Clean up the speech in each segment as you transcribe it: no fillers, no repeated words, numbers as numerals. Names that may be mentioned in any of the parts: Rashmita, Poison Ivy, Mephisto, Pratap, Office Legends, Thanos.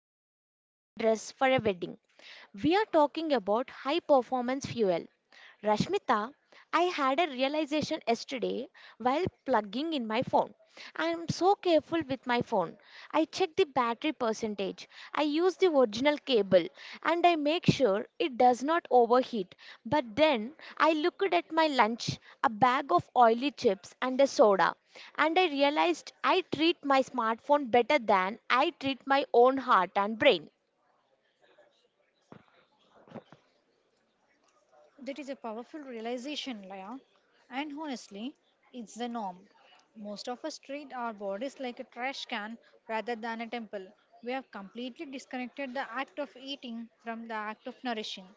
or fitting into a dress for a wedding. We are talking about high performance fuel. Rashmita, I had a realization yesterday while plugging in my phone. I am so careful with my phone. I check the battery percentage. I use the original cable and I make sure it does not overheat. But then I looked at my lunch, a bag of oily chips and a soda, and I realized I treat my smartphone better than I treat my own heart and brain. That is a powerful realization, Laya. And honestly, it's the norm. Most of us treat our bodies like a trash can rather than a temple. We have completely disconnected the act of eating from the act of nourishing.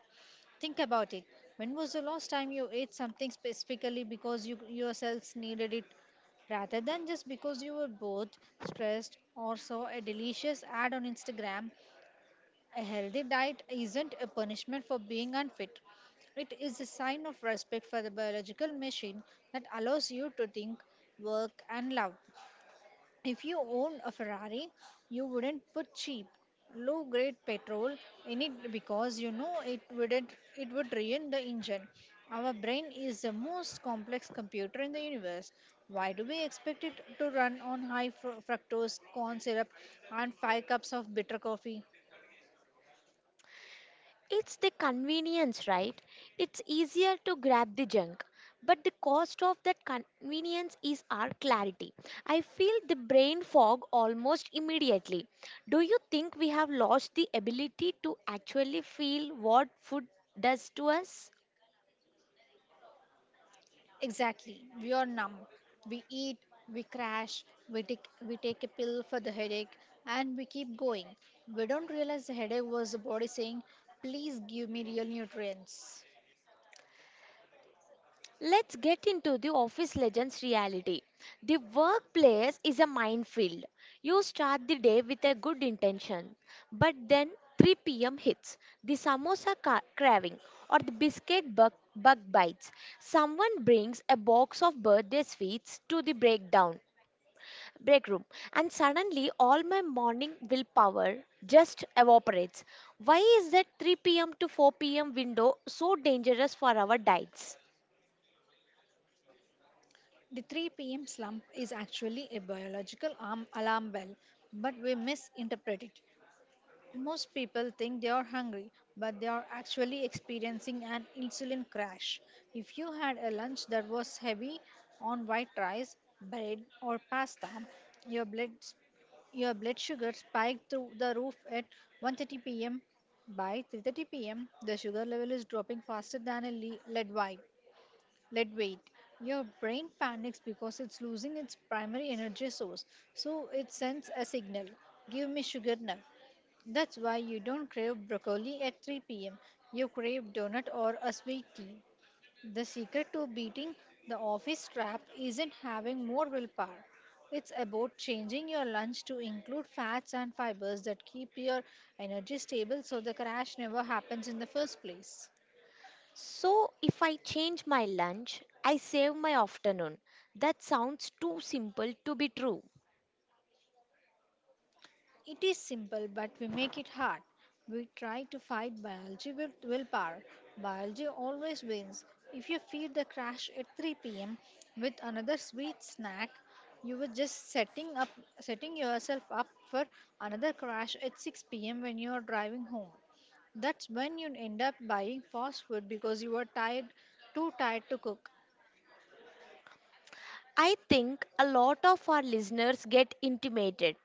Think about it. When was the last time you ate something specifically because you yourselves needed it, rather than just because you were bored, stressed, or saw a delicious ad on Instagram? A healthy diet isn't a punishment for being unfit. It is a sign of respect for the biological machine that allows you to think, work, and love. If you owned a Ferrari, you wouldn't put cheap, low grade petrol in it because you know it wouldn't it would ruin the engine. Our brain is the most complex computer in the universe. Why do we expect it to run on fructose corn syrup and 5 cups of bitter coffee? It's the convenience, right? It's easier to grab the junk. But the cost of that convenience is our clarity. I feel the brain fog almost immediately. Do you think we have lost the ability to actually feel what food does to us? Exactly. We are numb. We eat, we crash, we take a pill for the headache, and we keep going. We don't realize the headache was the body saying, please give me real nutrients. Let's get into the office legends reality. The workplace is a minefield. You start the day with a good intention, but then 3 pm hits, the craving, or the biscuit bug bites. Someone brings a box of birthday sweets to the break room, and suddenly all my morning willpower just evaporates. Why is that 3 pm to 4 pm window so dangerous for our diets? The 3 p.m. slump is actually a biological arm alarm bell, but we misinterpret it. Most people think they are hungry, but they are actually experiencing an insulin crash. If you had a lunch that was heavy on white rice, bread, or pasta, your blood your blood sugar spiked through the roof at 1:30 p.m. By 3:30 p.m., the sugar level is dropping faster than a lead weight. Lead weight. Your brain panics because it's losing its primary energy source, so it sends a signal: "Give me sugar now." That's why you don't crave broccoli at 3 pm. You crave donut or a sweet tea. The secret to beating the office trap isn't having more willpower. It's about changing your lunch to include fats and fibers that keep your energy stable so the crash never happens in the first place. So, if I change my lunch, I save my afternoon. That sounds too simple to be true. It is simple, but we make it hard. We try to fight biology with willpower. Biology always wins. If you feed the crash at 3 p.m. with another sweet snack, you were just setting up setting yourself up for another crash at 6 p.m. when you are driving home. That's when you end up buying fast food because you are tired, too tired to cook. I think a lot of our listeners get intimidated.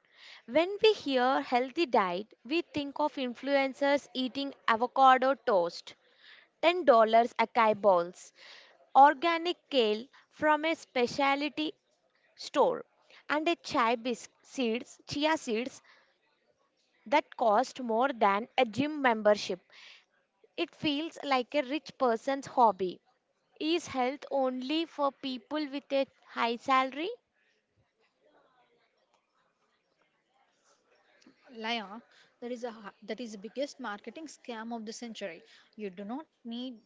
When we hear healthy diet, we think of influencers eating avocado toast, $10 acai balls, organic kale from a specialty store, and a chia seeds that cost more than a gym membership. It feels like a rich person's hobby. Is health only for people with a high salary? Lion, that is the biggest marketing scam of the century. You do not need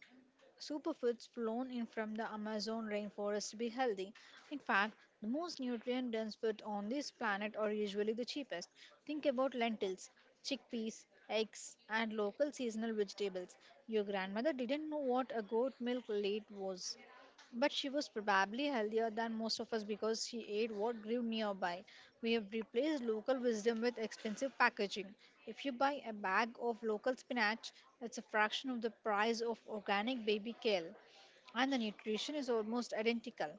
superfoods flown in from the Amazon rainforest to be healthy. In fact, the most nutrient dense food on this planet are usually the cheapest. Think about lentils, chickpeas, eggs, and local seasonal vegetables. Your grandmother didn't know what a goat milk late was. But she was probably healthier than most of us because she ate what grew nearby. We have replaced local wisdom with expensive packaging. If you buy a bag of local spinach, it's a fraction of the price of organic baby kale, and the nutrition is almost identical.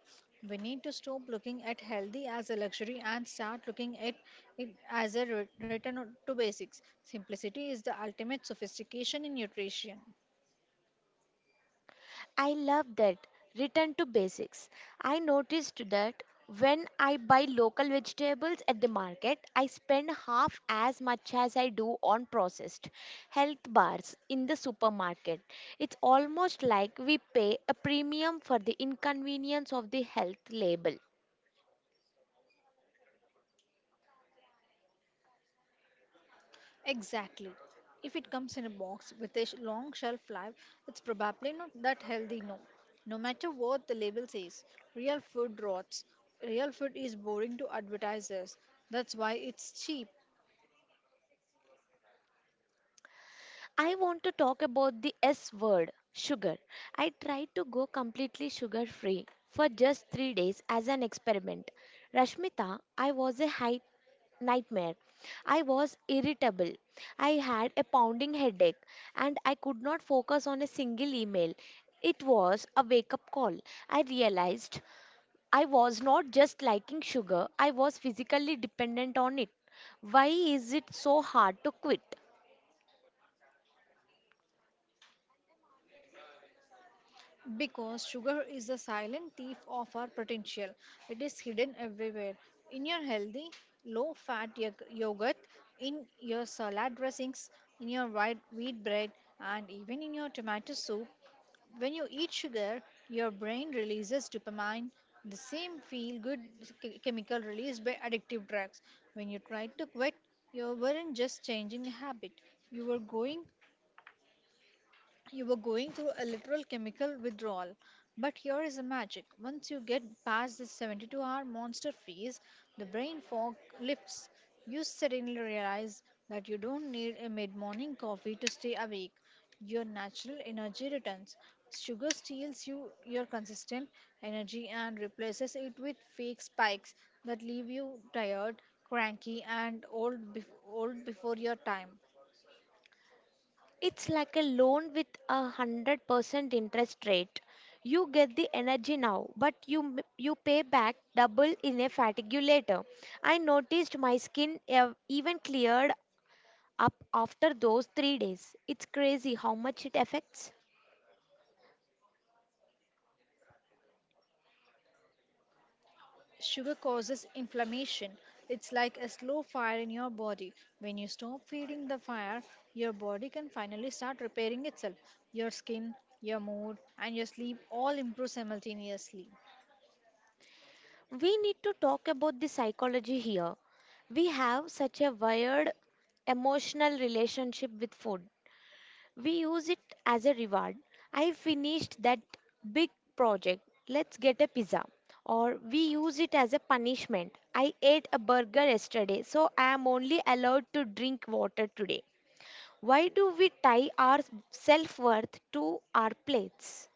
We need to stop looking at healthy as a luxury and start looking at it as return to basics. Simplicity is the ultimate sophistication in nutrition. I love that. Return to basics. I noticed that when I buy local vegetables at the market, I spend half as much as I do on processed health bars in the supermarket. It's almost like we pay a premium for the inconvenience of the health label. Exactly. If it comes in a box with long shelf life, it's probably not that healthy, no. No matter what the label says, real food rots. Real food is boring to advertisers. That's why it's cheap. I want to talk about the S word, sugar. I tried to go completely sugar free for just 3 days as an experiment. Rashmita, I was a high nightmare. I was irritable. I had a pounding headache and I could not focus on a single email. It was a wake up call. I realized I was not just liking sugar, I was physically dependent on it. Why is it so hard to quit? Because sugar is the silent thief of our potential. It is hidden everywhere. In your healthy, low fat yogurt, in your salad dressings, in your white wheat bread, and even in your tomato soup. When you eat sugar, your brain releases dopamine, the same feel good chemical released by addictive drugs. When you tried to quit, you weren't just changing a habit, you were going you were going through a literal chemical withdrawal. But here is the magic. Once you get past this 72-hour monster phase, the brain fog lifts. You suddenly realize that you don't need a mid morning coffee to stay awake. Your natural energy returns. Sugar steals you your consistent energy and replaces it with fake spikes that leave you tired, cranky, and old before your time. It's like a loan with a 100% interest rate. You get the energy now, but you pay back double in a fatigue later. I noticed my skin even cleared up after those 3 days. It's crazy how much it affects. Sugar causes inflammation. It's like a slow fire in your body. When you stop feeding the fire, your body can finally start repairing itself. Your skin, your mood, and your sleep all improve simultaneously. We need to talk about the psychology here. We have such a wired emotional relationship with food. We use it as a reward. I finished that big project. Let's get a pizza. Or we use it as a punishment. I ate a burger yesterday, so I am only allowed to drink water today. Why do we tie our self worth to our plates?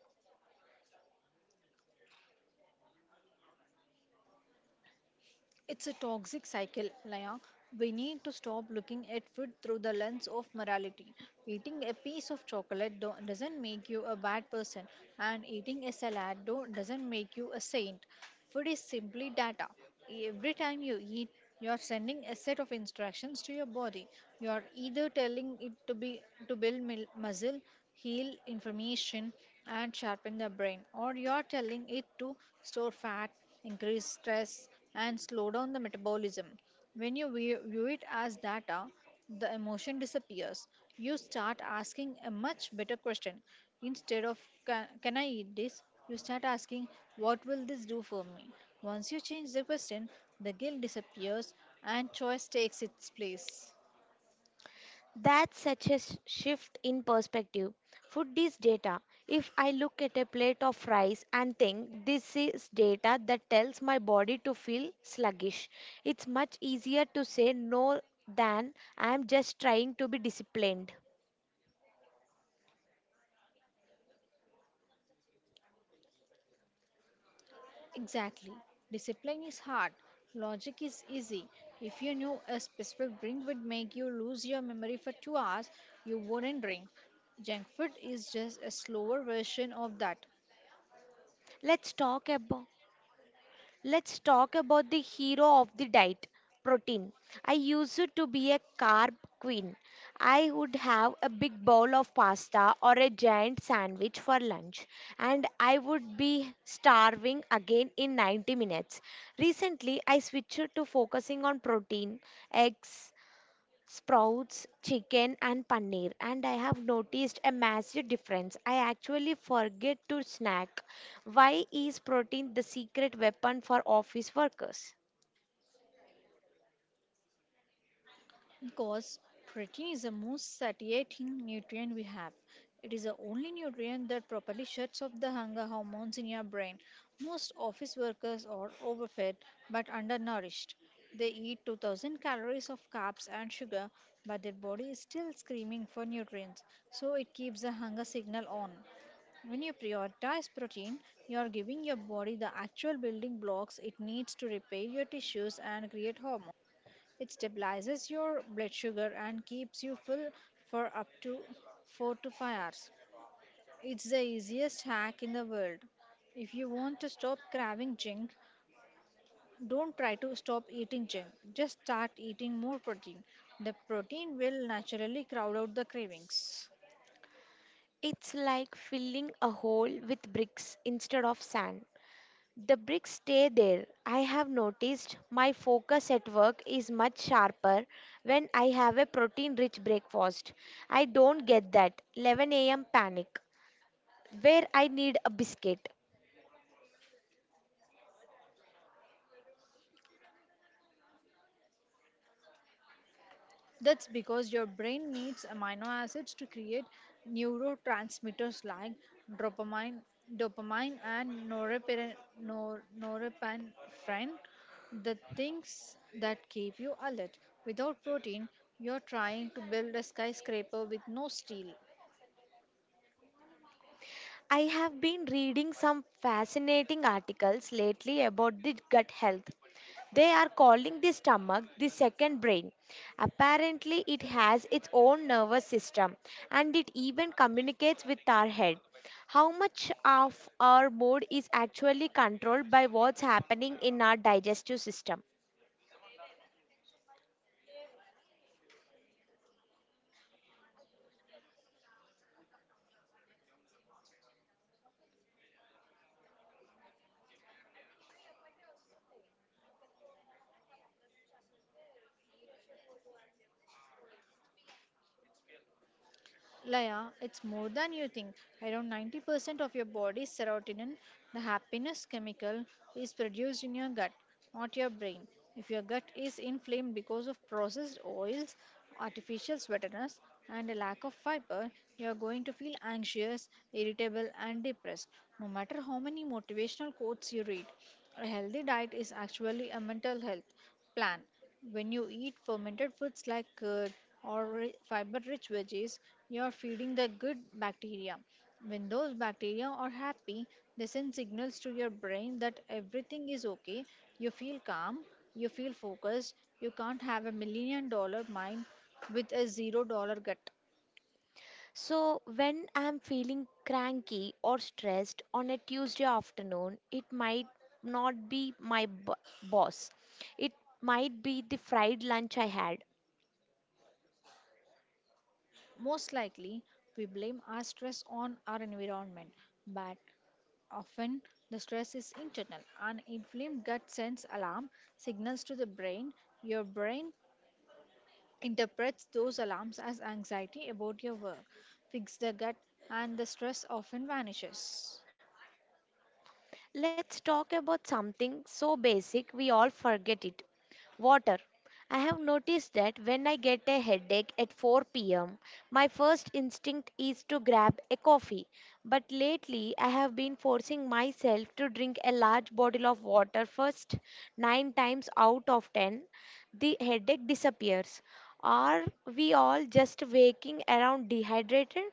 It's a toxic cycle, Laya. We need to stop looking at food through the lens of morality. Eating a piece of chocolate doesn't make you a bad person, and eating a salad doesn't make you a saint. Food is simply data. Every time you eat, you're sending a set of instructions to your body. You're either telling it to build muscle, heal information, and sharpen the brain, or you're telling it to store fat, increase stress, and slow down the metabolism. When you view it as data, the emotion disappears. You start asking a much better question. Instead of can I eat this, you start asking what will this do for me? Once you change the question, the guilt disappears and choice takes its place. That's such a shift in perspective. Food is data. If I look at a plate of rice and think this is data that tells my body to feel sluggish, it's much easier to say no than I'm just trying to be disciplined. Exactly. Discipline is hard. Logic is easy. If you knew a specific drink would make you lose your memory for 2 hours, you wouldn't drink. Junk food is just a slower version of that. Let's talk about Let's talk about the hero of the diet, protein. I used to be a carb queen. I would have a big bowl of pasta or a giant sandwich for lunch, and I would be starving again in 90 minutes. Recently, I switched to focusing on protein, eggs, sprouts, chicken, and paneer, and I have noticed a massive difference. I actually forget to snack. Why is protein the secret weapon for office workers? Because protein is the most satiating nutrient we have. It is the only nutrient that properly shuts off the hunger hormones in your brain. Most office workers are overfed but undernourished. They eat 2,000 calories of carbs and sugar, but their body is still screaming for nutrients, so it keeps the hunger signal on. When you prioritize protein, you are giving your body the actual building blocks it needs to repair your tissues and create hormones. It stabilizes your blood sugar and keeps you full for up to 4 to 5 hours. It's the easiest hack in the world. If you want to stop craving junk, don't try to stop eating junk. Just start eating more protein. The protein will naturally crowd out the cravings. It's like filling a hole with bricks instead of sand. The bricks stay there. I have noticed my focus at work is much sharper when I have a protein rich breakfast. I don't get that 11 a.m. panic where I need a biscuit. That's because your brain needs amino acids to create neurotransmitters like dopamine, dopamine and norepinephrine, the things that keep you alert. Without protein, you're trying to build a skyscraper with no steel. I have been reading some fascinating articles lately about the gut health. They are calling the stomach the second brain. Apparently, it has its own nervous system and it even communicates with our head. How much of our mood is actually controlled by what's happening in our digestive system? Laya, it's more than you think. Around 90% of your body's serotonin, the happiness chemical, is produced in your gut, not your brain. If your gut is inflamed because of processed oils, artificial sweeteners, and a lack of fiber, you are going to feel anxious, irritable, and depressed, no matter how many motivational quotes you read. A healthy diet is actually a mental health plan. When you eat fermented foods like curd or fiber-rich veggies, you are feeding the good bacteria. When those bacteria are happy, they send signals to your brain that everything is okay. You feel calm, you feel focused. You can't have a million dollar mind with a zero dollar gut. So, when I'm feeling cranky or stressed on a Tuesday afternoon, it might not be boss. It might be the fried lunch I had. Most likely, we blame our stress on our environment, but often the stress is internal. An inflamed gut sends alarm signals to the brain. Your brain interprets those alarms as anxiety about your work. Fix the gut, and the stress often vanishes. Let's talk about something so basic we all forget it water. I have noticed that when I get a headache at 4 pm, my first instinct is to grab a coffee. But lately, I have been forcing myself to drink a large bottle of water first. Nine times out of ten, the headache disappears. Are we all just waking around dehydrated?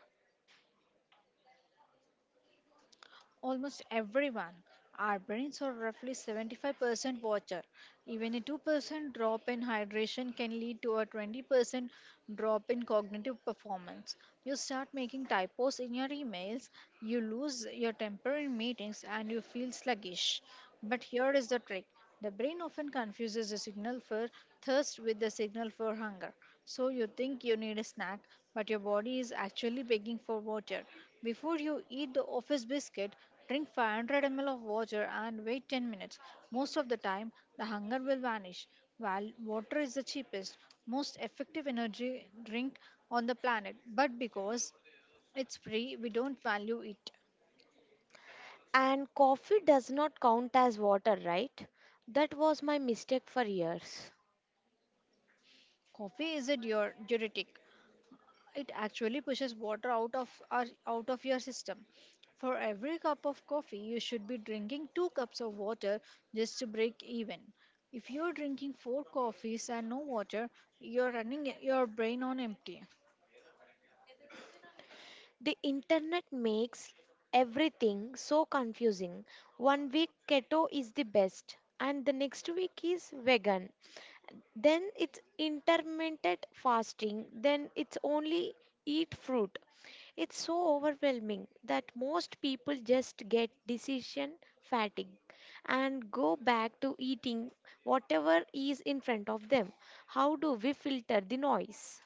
Almost everyone. Our brains are roughly 75% water. Even a 2% drop in hydration can lead to a 20% drop in cognitive performance. You start making typos in your emails, you lose your temper in meetings, and you feel sluggish. But here is the trick, the brain often confuses the signal for thirst with the signal for hunger. So you think you need a snack, but your body is actually begging for water. Before you eat the office biscuit, drink 500 ml of water and wait 10 minutes. Most of the time, the hunger will vanish. While water is the cheapest, most effective energy drink on the planet, but because it's free, we don't value it. And coffee does not count as water, right? That was my mistake for years. Coffee is a diuretic. It actually pushes water out of out of your system. For every cup of coffee you should be drinking 2 cups of water just to break even. If you're drinking 4 coffees and no water, you're running your brain on empty. The internet makes everything so confusing. One week keto is the best, and the next week is vegan. Then it's intermittent fasting, then it's only eat fruit. It's so overwhelming that most people just get decision fatigue and go back to eating whatever is in front of them. How do we filter the noise?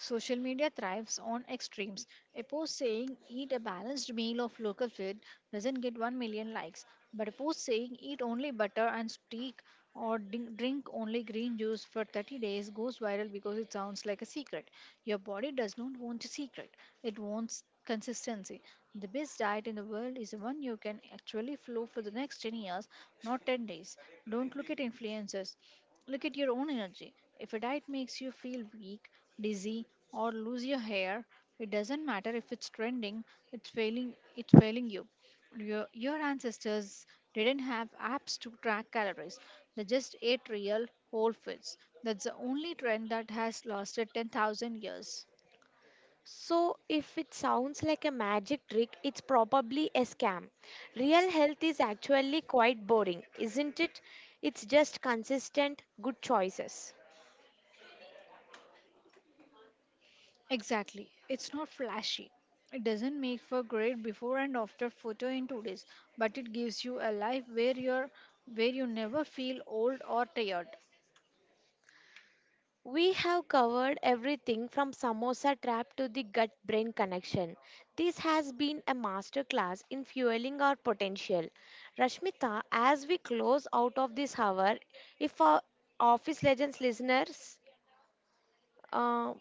Social media thrives on extremes. A post saying eat a balanced meal of local food doesn't get 1 million likes, but a post saying eat only butter and steak or drink only green juice for 30 days goes viral because it sounds like a secret. Your body does not want a secret, it wants consistency. The best diet in the world is the one you can actually follow for the next 10 years, not 10 days. Don't look at influencers, look at your own energy. If a diet makes you feel weak, dizzy, or lose your hair, it doesn't matter if it's trending, it's failing you. Your ancestors didn't have apps to track calories. They just ate real whole foods. That's the only trend that has lasted 10,000 years. So, if it sounds like a magic trick, it's probably a scam. Real health is actually quite boring, isn't it? It's just consistent, good choices. Exactly. It's not flashy. It doesn't make for great before and after photo in 2 days, but it gives you a life where you never feel old or tired. We have covered everything from samosa trap to the gut brain connection. This has been a masterclass in fueling our potential. Rashmita, as we close out of this hour, if our Office Legends listeners, uh,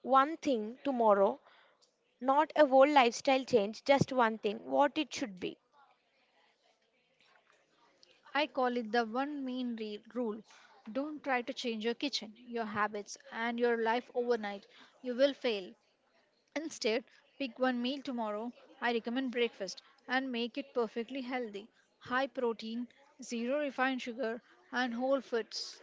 one thing tomorrow, not a whole lifestyle change, just one thing, what it should be. I call it the one rule. Don't try to change your kitchen, your habits, and your life overnight. You will fail. Instead, pick one meal tomorrow. I recommend breakfast and make it perfectly healthy. High protein, zero refined sugar, and whole foods.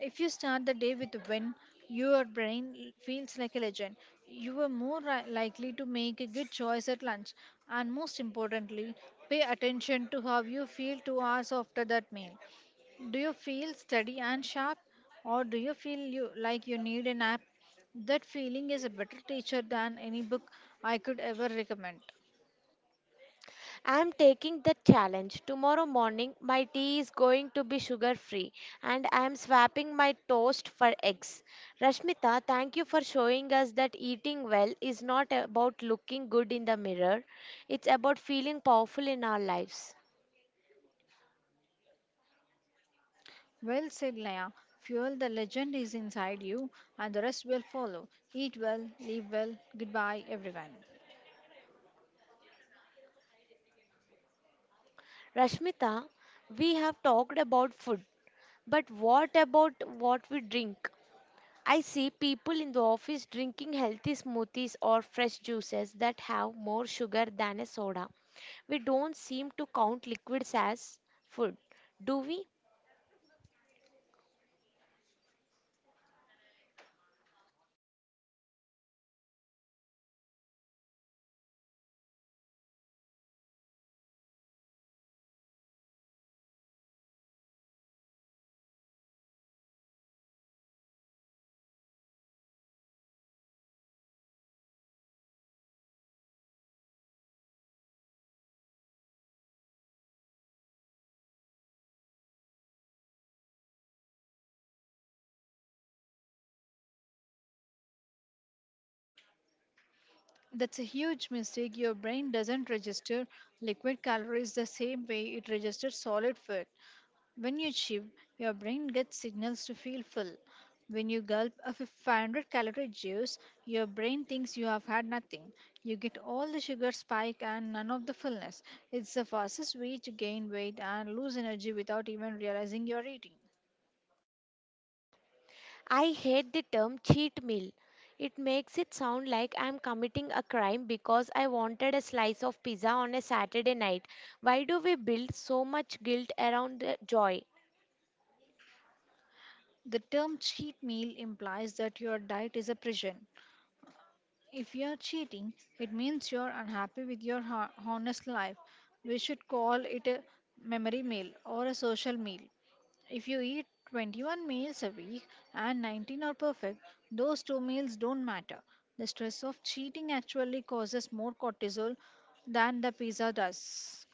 If you start the day with when your feels like a legend, you are more likely to make a good choice at lunch. And most importantly, pay attention to how you feel 2 hours after that meal. Do you feel steady and sharp, or do you feel like you need a nap? That feeling is a better teacher than any book I could ever recommend. I am taking the challenge. Tomorrow morning, my tea is going to be sugar free and I am swapping my toast for eggs. Rashmita, thank you for showing us that eating well is not about looking good in the mirror, it's about feeling powerful in our lives. Well said, Leia. Fuel the legend is inside you, and the rest will follow. Eat well, live well. Goodbye, everyone. Rashmita, we have talked about food, but what about what we drink? I see people in the office drinking healthy smoothies or fresh juices that have more sugar than a soda. We don't seem to count liquids as food, do we? That's a huge mistake. Your brain doesn't register liquid calories the same way it registers solid food. When you chew, your brain gets signals to feel full. When you gulp a 500 calorie juice, your brain thinks you have had nothing. You get all the sugar spike and none of the fullness. It's the fastest way to gain weight and lose energy without even realizing you're eating. I hate the term cheat meal. It makes it sound like I'm committing a crime because I wanted a slice of pizza on a Saturday night. Why do we build so much guilt around the joy? The term cheat meal implies that your diet is a prison. If you're cheating, it means you're unhappy with your honest life. We should call it a memory meal or a social meal. If you eat 21 meals a week and 19 are perfect, those two meals don't matter. The stress of cheating actually causes more cortisol than the pizza does.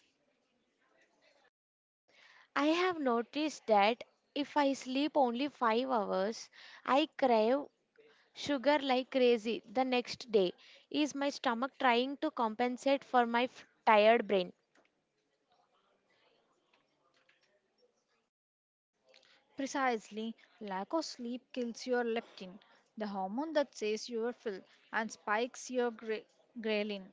I have noticed that if I sleep only 5 hours, I crave sugar like crazy the next day. Is my stomach trying to compensate for tired brain? Precisely, lack of sleep kills your leptin, the hormone that says you are full, and spikes your ghrelin,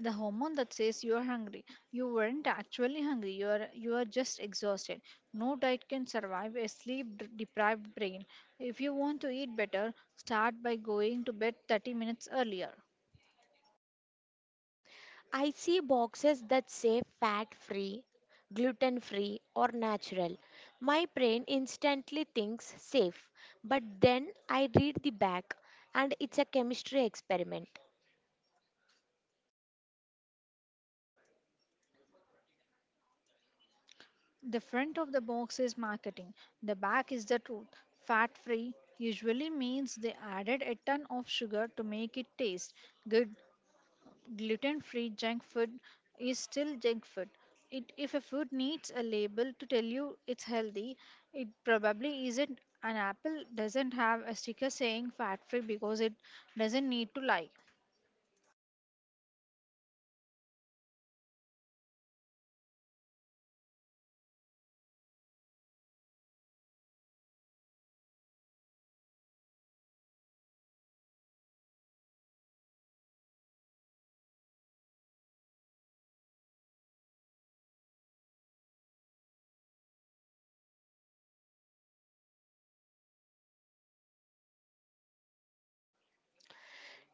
the hormone that says you are hungry. You weren't actually hungry, you are just exhausted. No diet can survive a sleep deprived brain. If you want to eat better, start by going to bed 30 minutes earlier. I see boxes that say fat free, gluten free, or natural. My brain instantly thinks safe, but then I read the back and it's a chemistry experiment. The front of the box is marketing, the back is the truth. Fat free usually means they added a ton of sugar to make it taste good. Gluten free junk food is still junk food. If a food needs a label to tell you it's healthy, it probably isn't. An apple doesn't have a sticker saying fat free because it doesn't need to lie.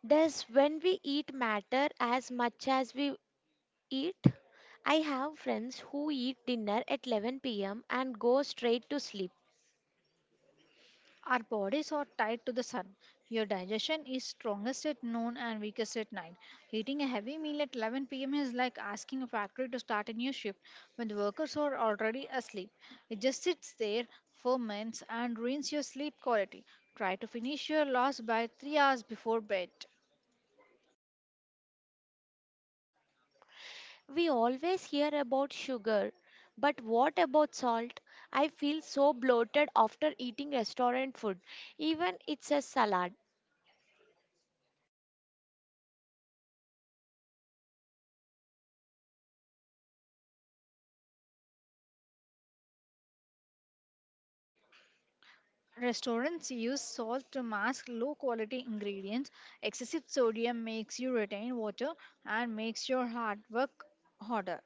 Does when we eat matter as much as we eat? I have friends who eat dinner at 11 pm and go straight to sleep. Our bodies are tied to the sun. Your digestion is strongest at noon and weakest at night. Eating a heavy meal at 11 p.m. is like asking a factory to start a new shift when the workers are already asleep. It just sits there, ferments, and ruins your sleep quality. Try to finish your loss by 3 hours before bed. We always hear about sugar, but what about salt? I feel so bloated after eating restaurant food, even it's a salad. Restaurants use salt to mask low quality ingredients. Excessive sodium makes you retain water and makes your hard work harder.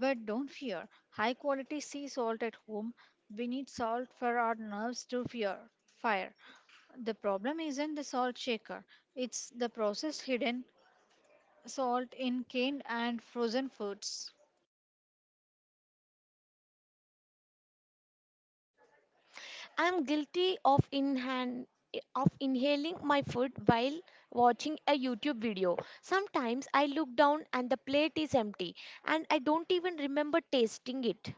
But don't fear. High quality sea salt at home. We need salt for our nerves to fear fire. The problem isn't the salt shaker, it's the processed hidden salt in canned and frozen foods. I'm guilty of inhaling my food while watching a YouTube video. Sometimes I look down and the plate is empty and I don't even remember tasting it.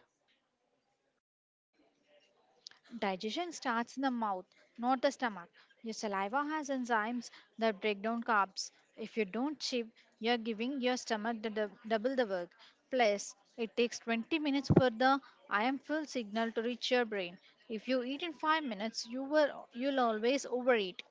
Digestion starts in the mouth, not the stomach. Your saliva has enzymes that break down carbs. If you don't chew, you're giving your stomach the double the work. Plus, it takes 20 minutes for the I am full signal to reach your brain. If you eat in 5 minutes, you'll always overeat.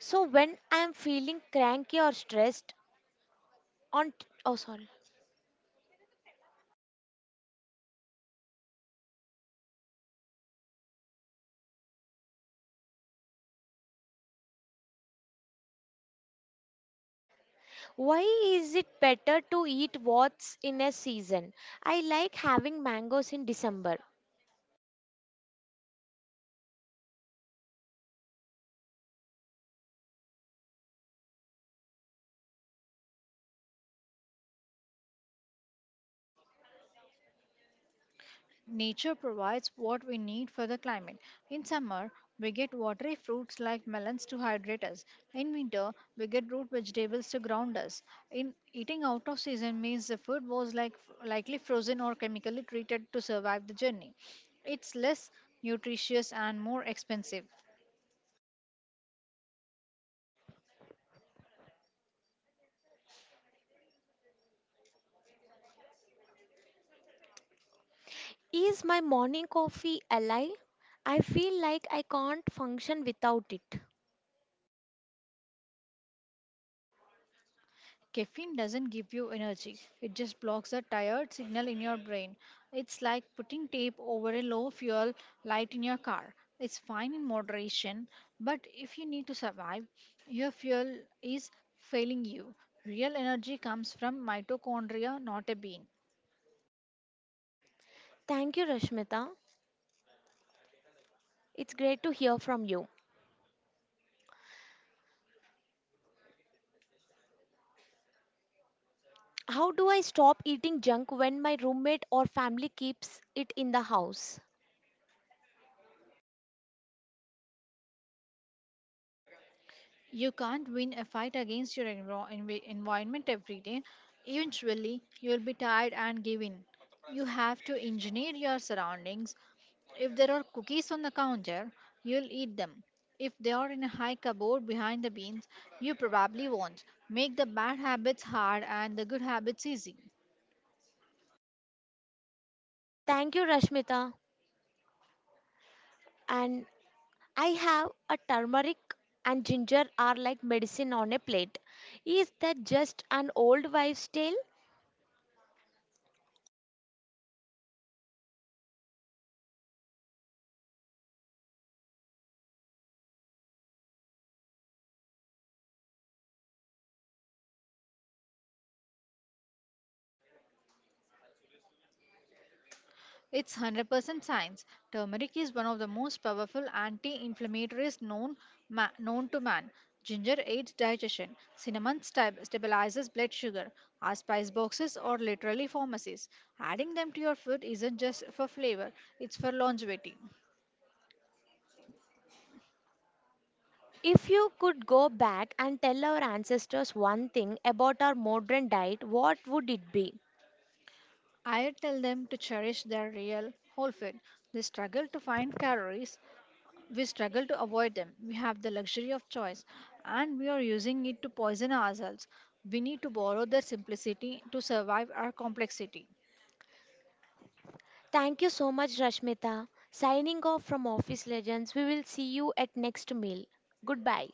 So when I'm feeling cranky or stressed on oh sorry Why is it better to eat what's in a season? I like having mangoes in December. Nature provides what we need for the climate. In summer, we get watery fruits like melons to hydrate us. In winter, we get root vegetables to ground us. In Eating out of season means the food was likely frozen or chemically treated to survive the journey. It's less nutritious and more expensive. Is my morning coffee a lie? I feel like I can't function without it. Caffeine doesn't give you energy, it just blocks the tired signal in your brain. It's like putting tape over a low fuel light in your car. It's fine in moderation, but if you need to survive, your fuel is failing you. Real energy comes from mitochondria, not a bean. Thank you, Rashmita. It's great to hear from you. How do I stop eating junk when my roommate or family keeps it in the house? You can't win a fight against your environment every day. Eventually, you'll be tired and give in. You have to engineer your surroundings. If there are cookies on the counter, you'll eat them. If they are in a high cupboard behind the beans, you probably won't. Make the bad habits hard and the good habits easy. Thank you, Rashmita. And I have a turmeric and ginger are like medicine on a plate. Is that just an old wives' tale? It's 100% science. Turmeric is one of the most powerful anti-inflammatories known to man. Ginger aids digestion. Cinnamon stabilizes blood sugar. Our spice boxes are literally pharmacies. Adding them to your food isn't just for flavor, it's for longevity. If you could go back and tell our ancestors one thing about our modern diet, what would it be? I tell them to cherish their real whole food. They struggle to find calories, we struggle to avoid them. We have the luxury of choice and we are using it to poison ourselves. We need to borrow their simplicity to survive our complexity. Thank you so much, Rashmita. Signing off from Office Legends, we will see you at next meal. Goodbye.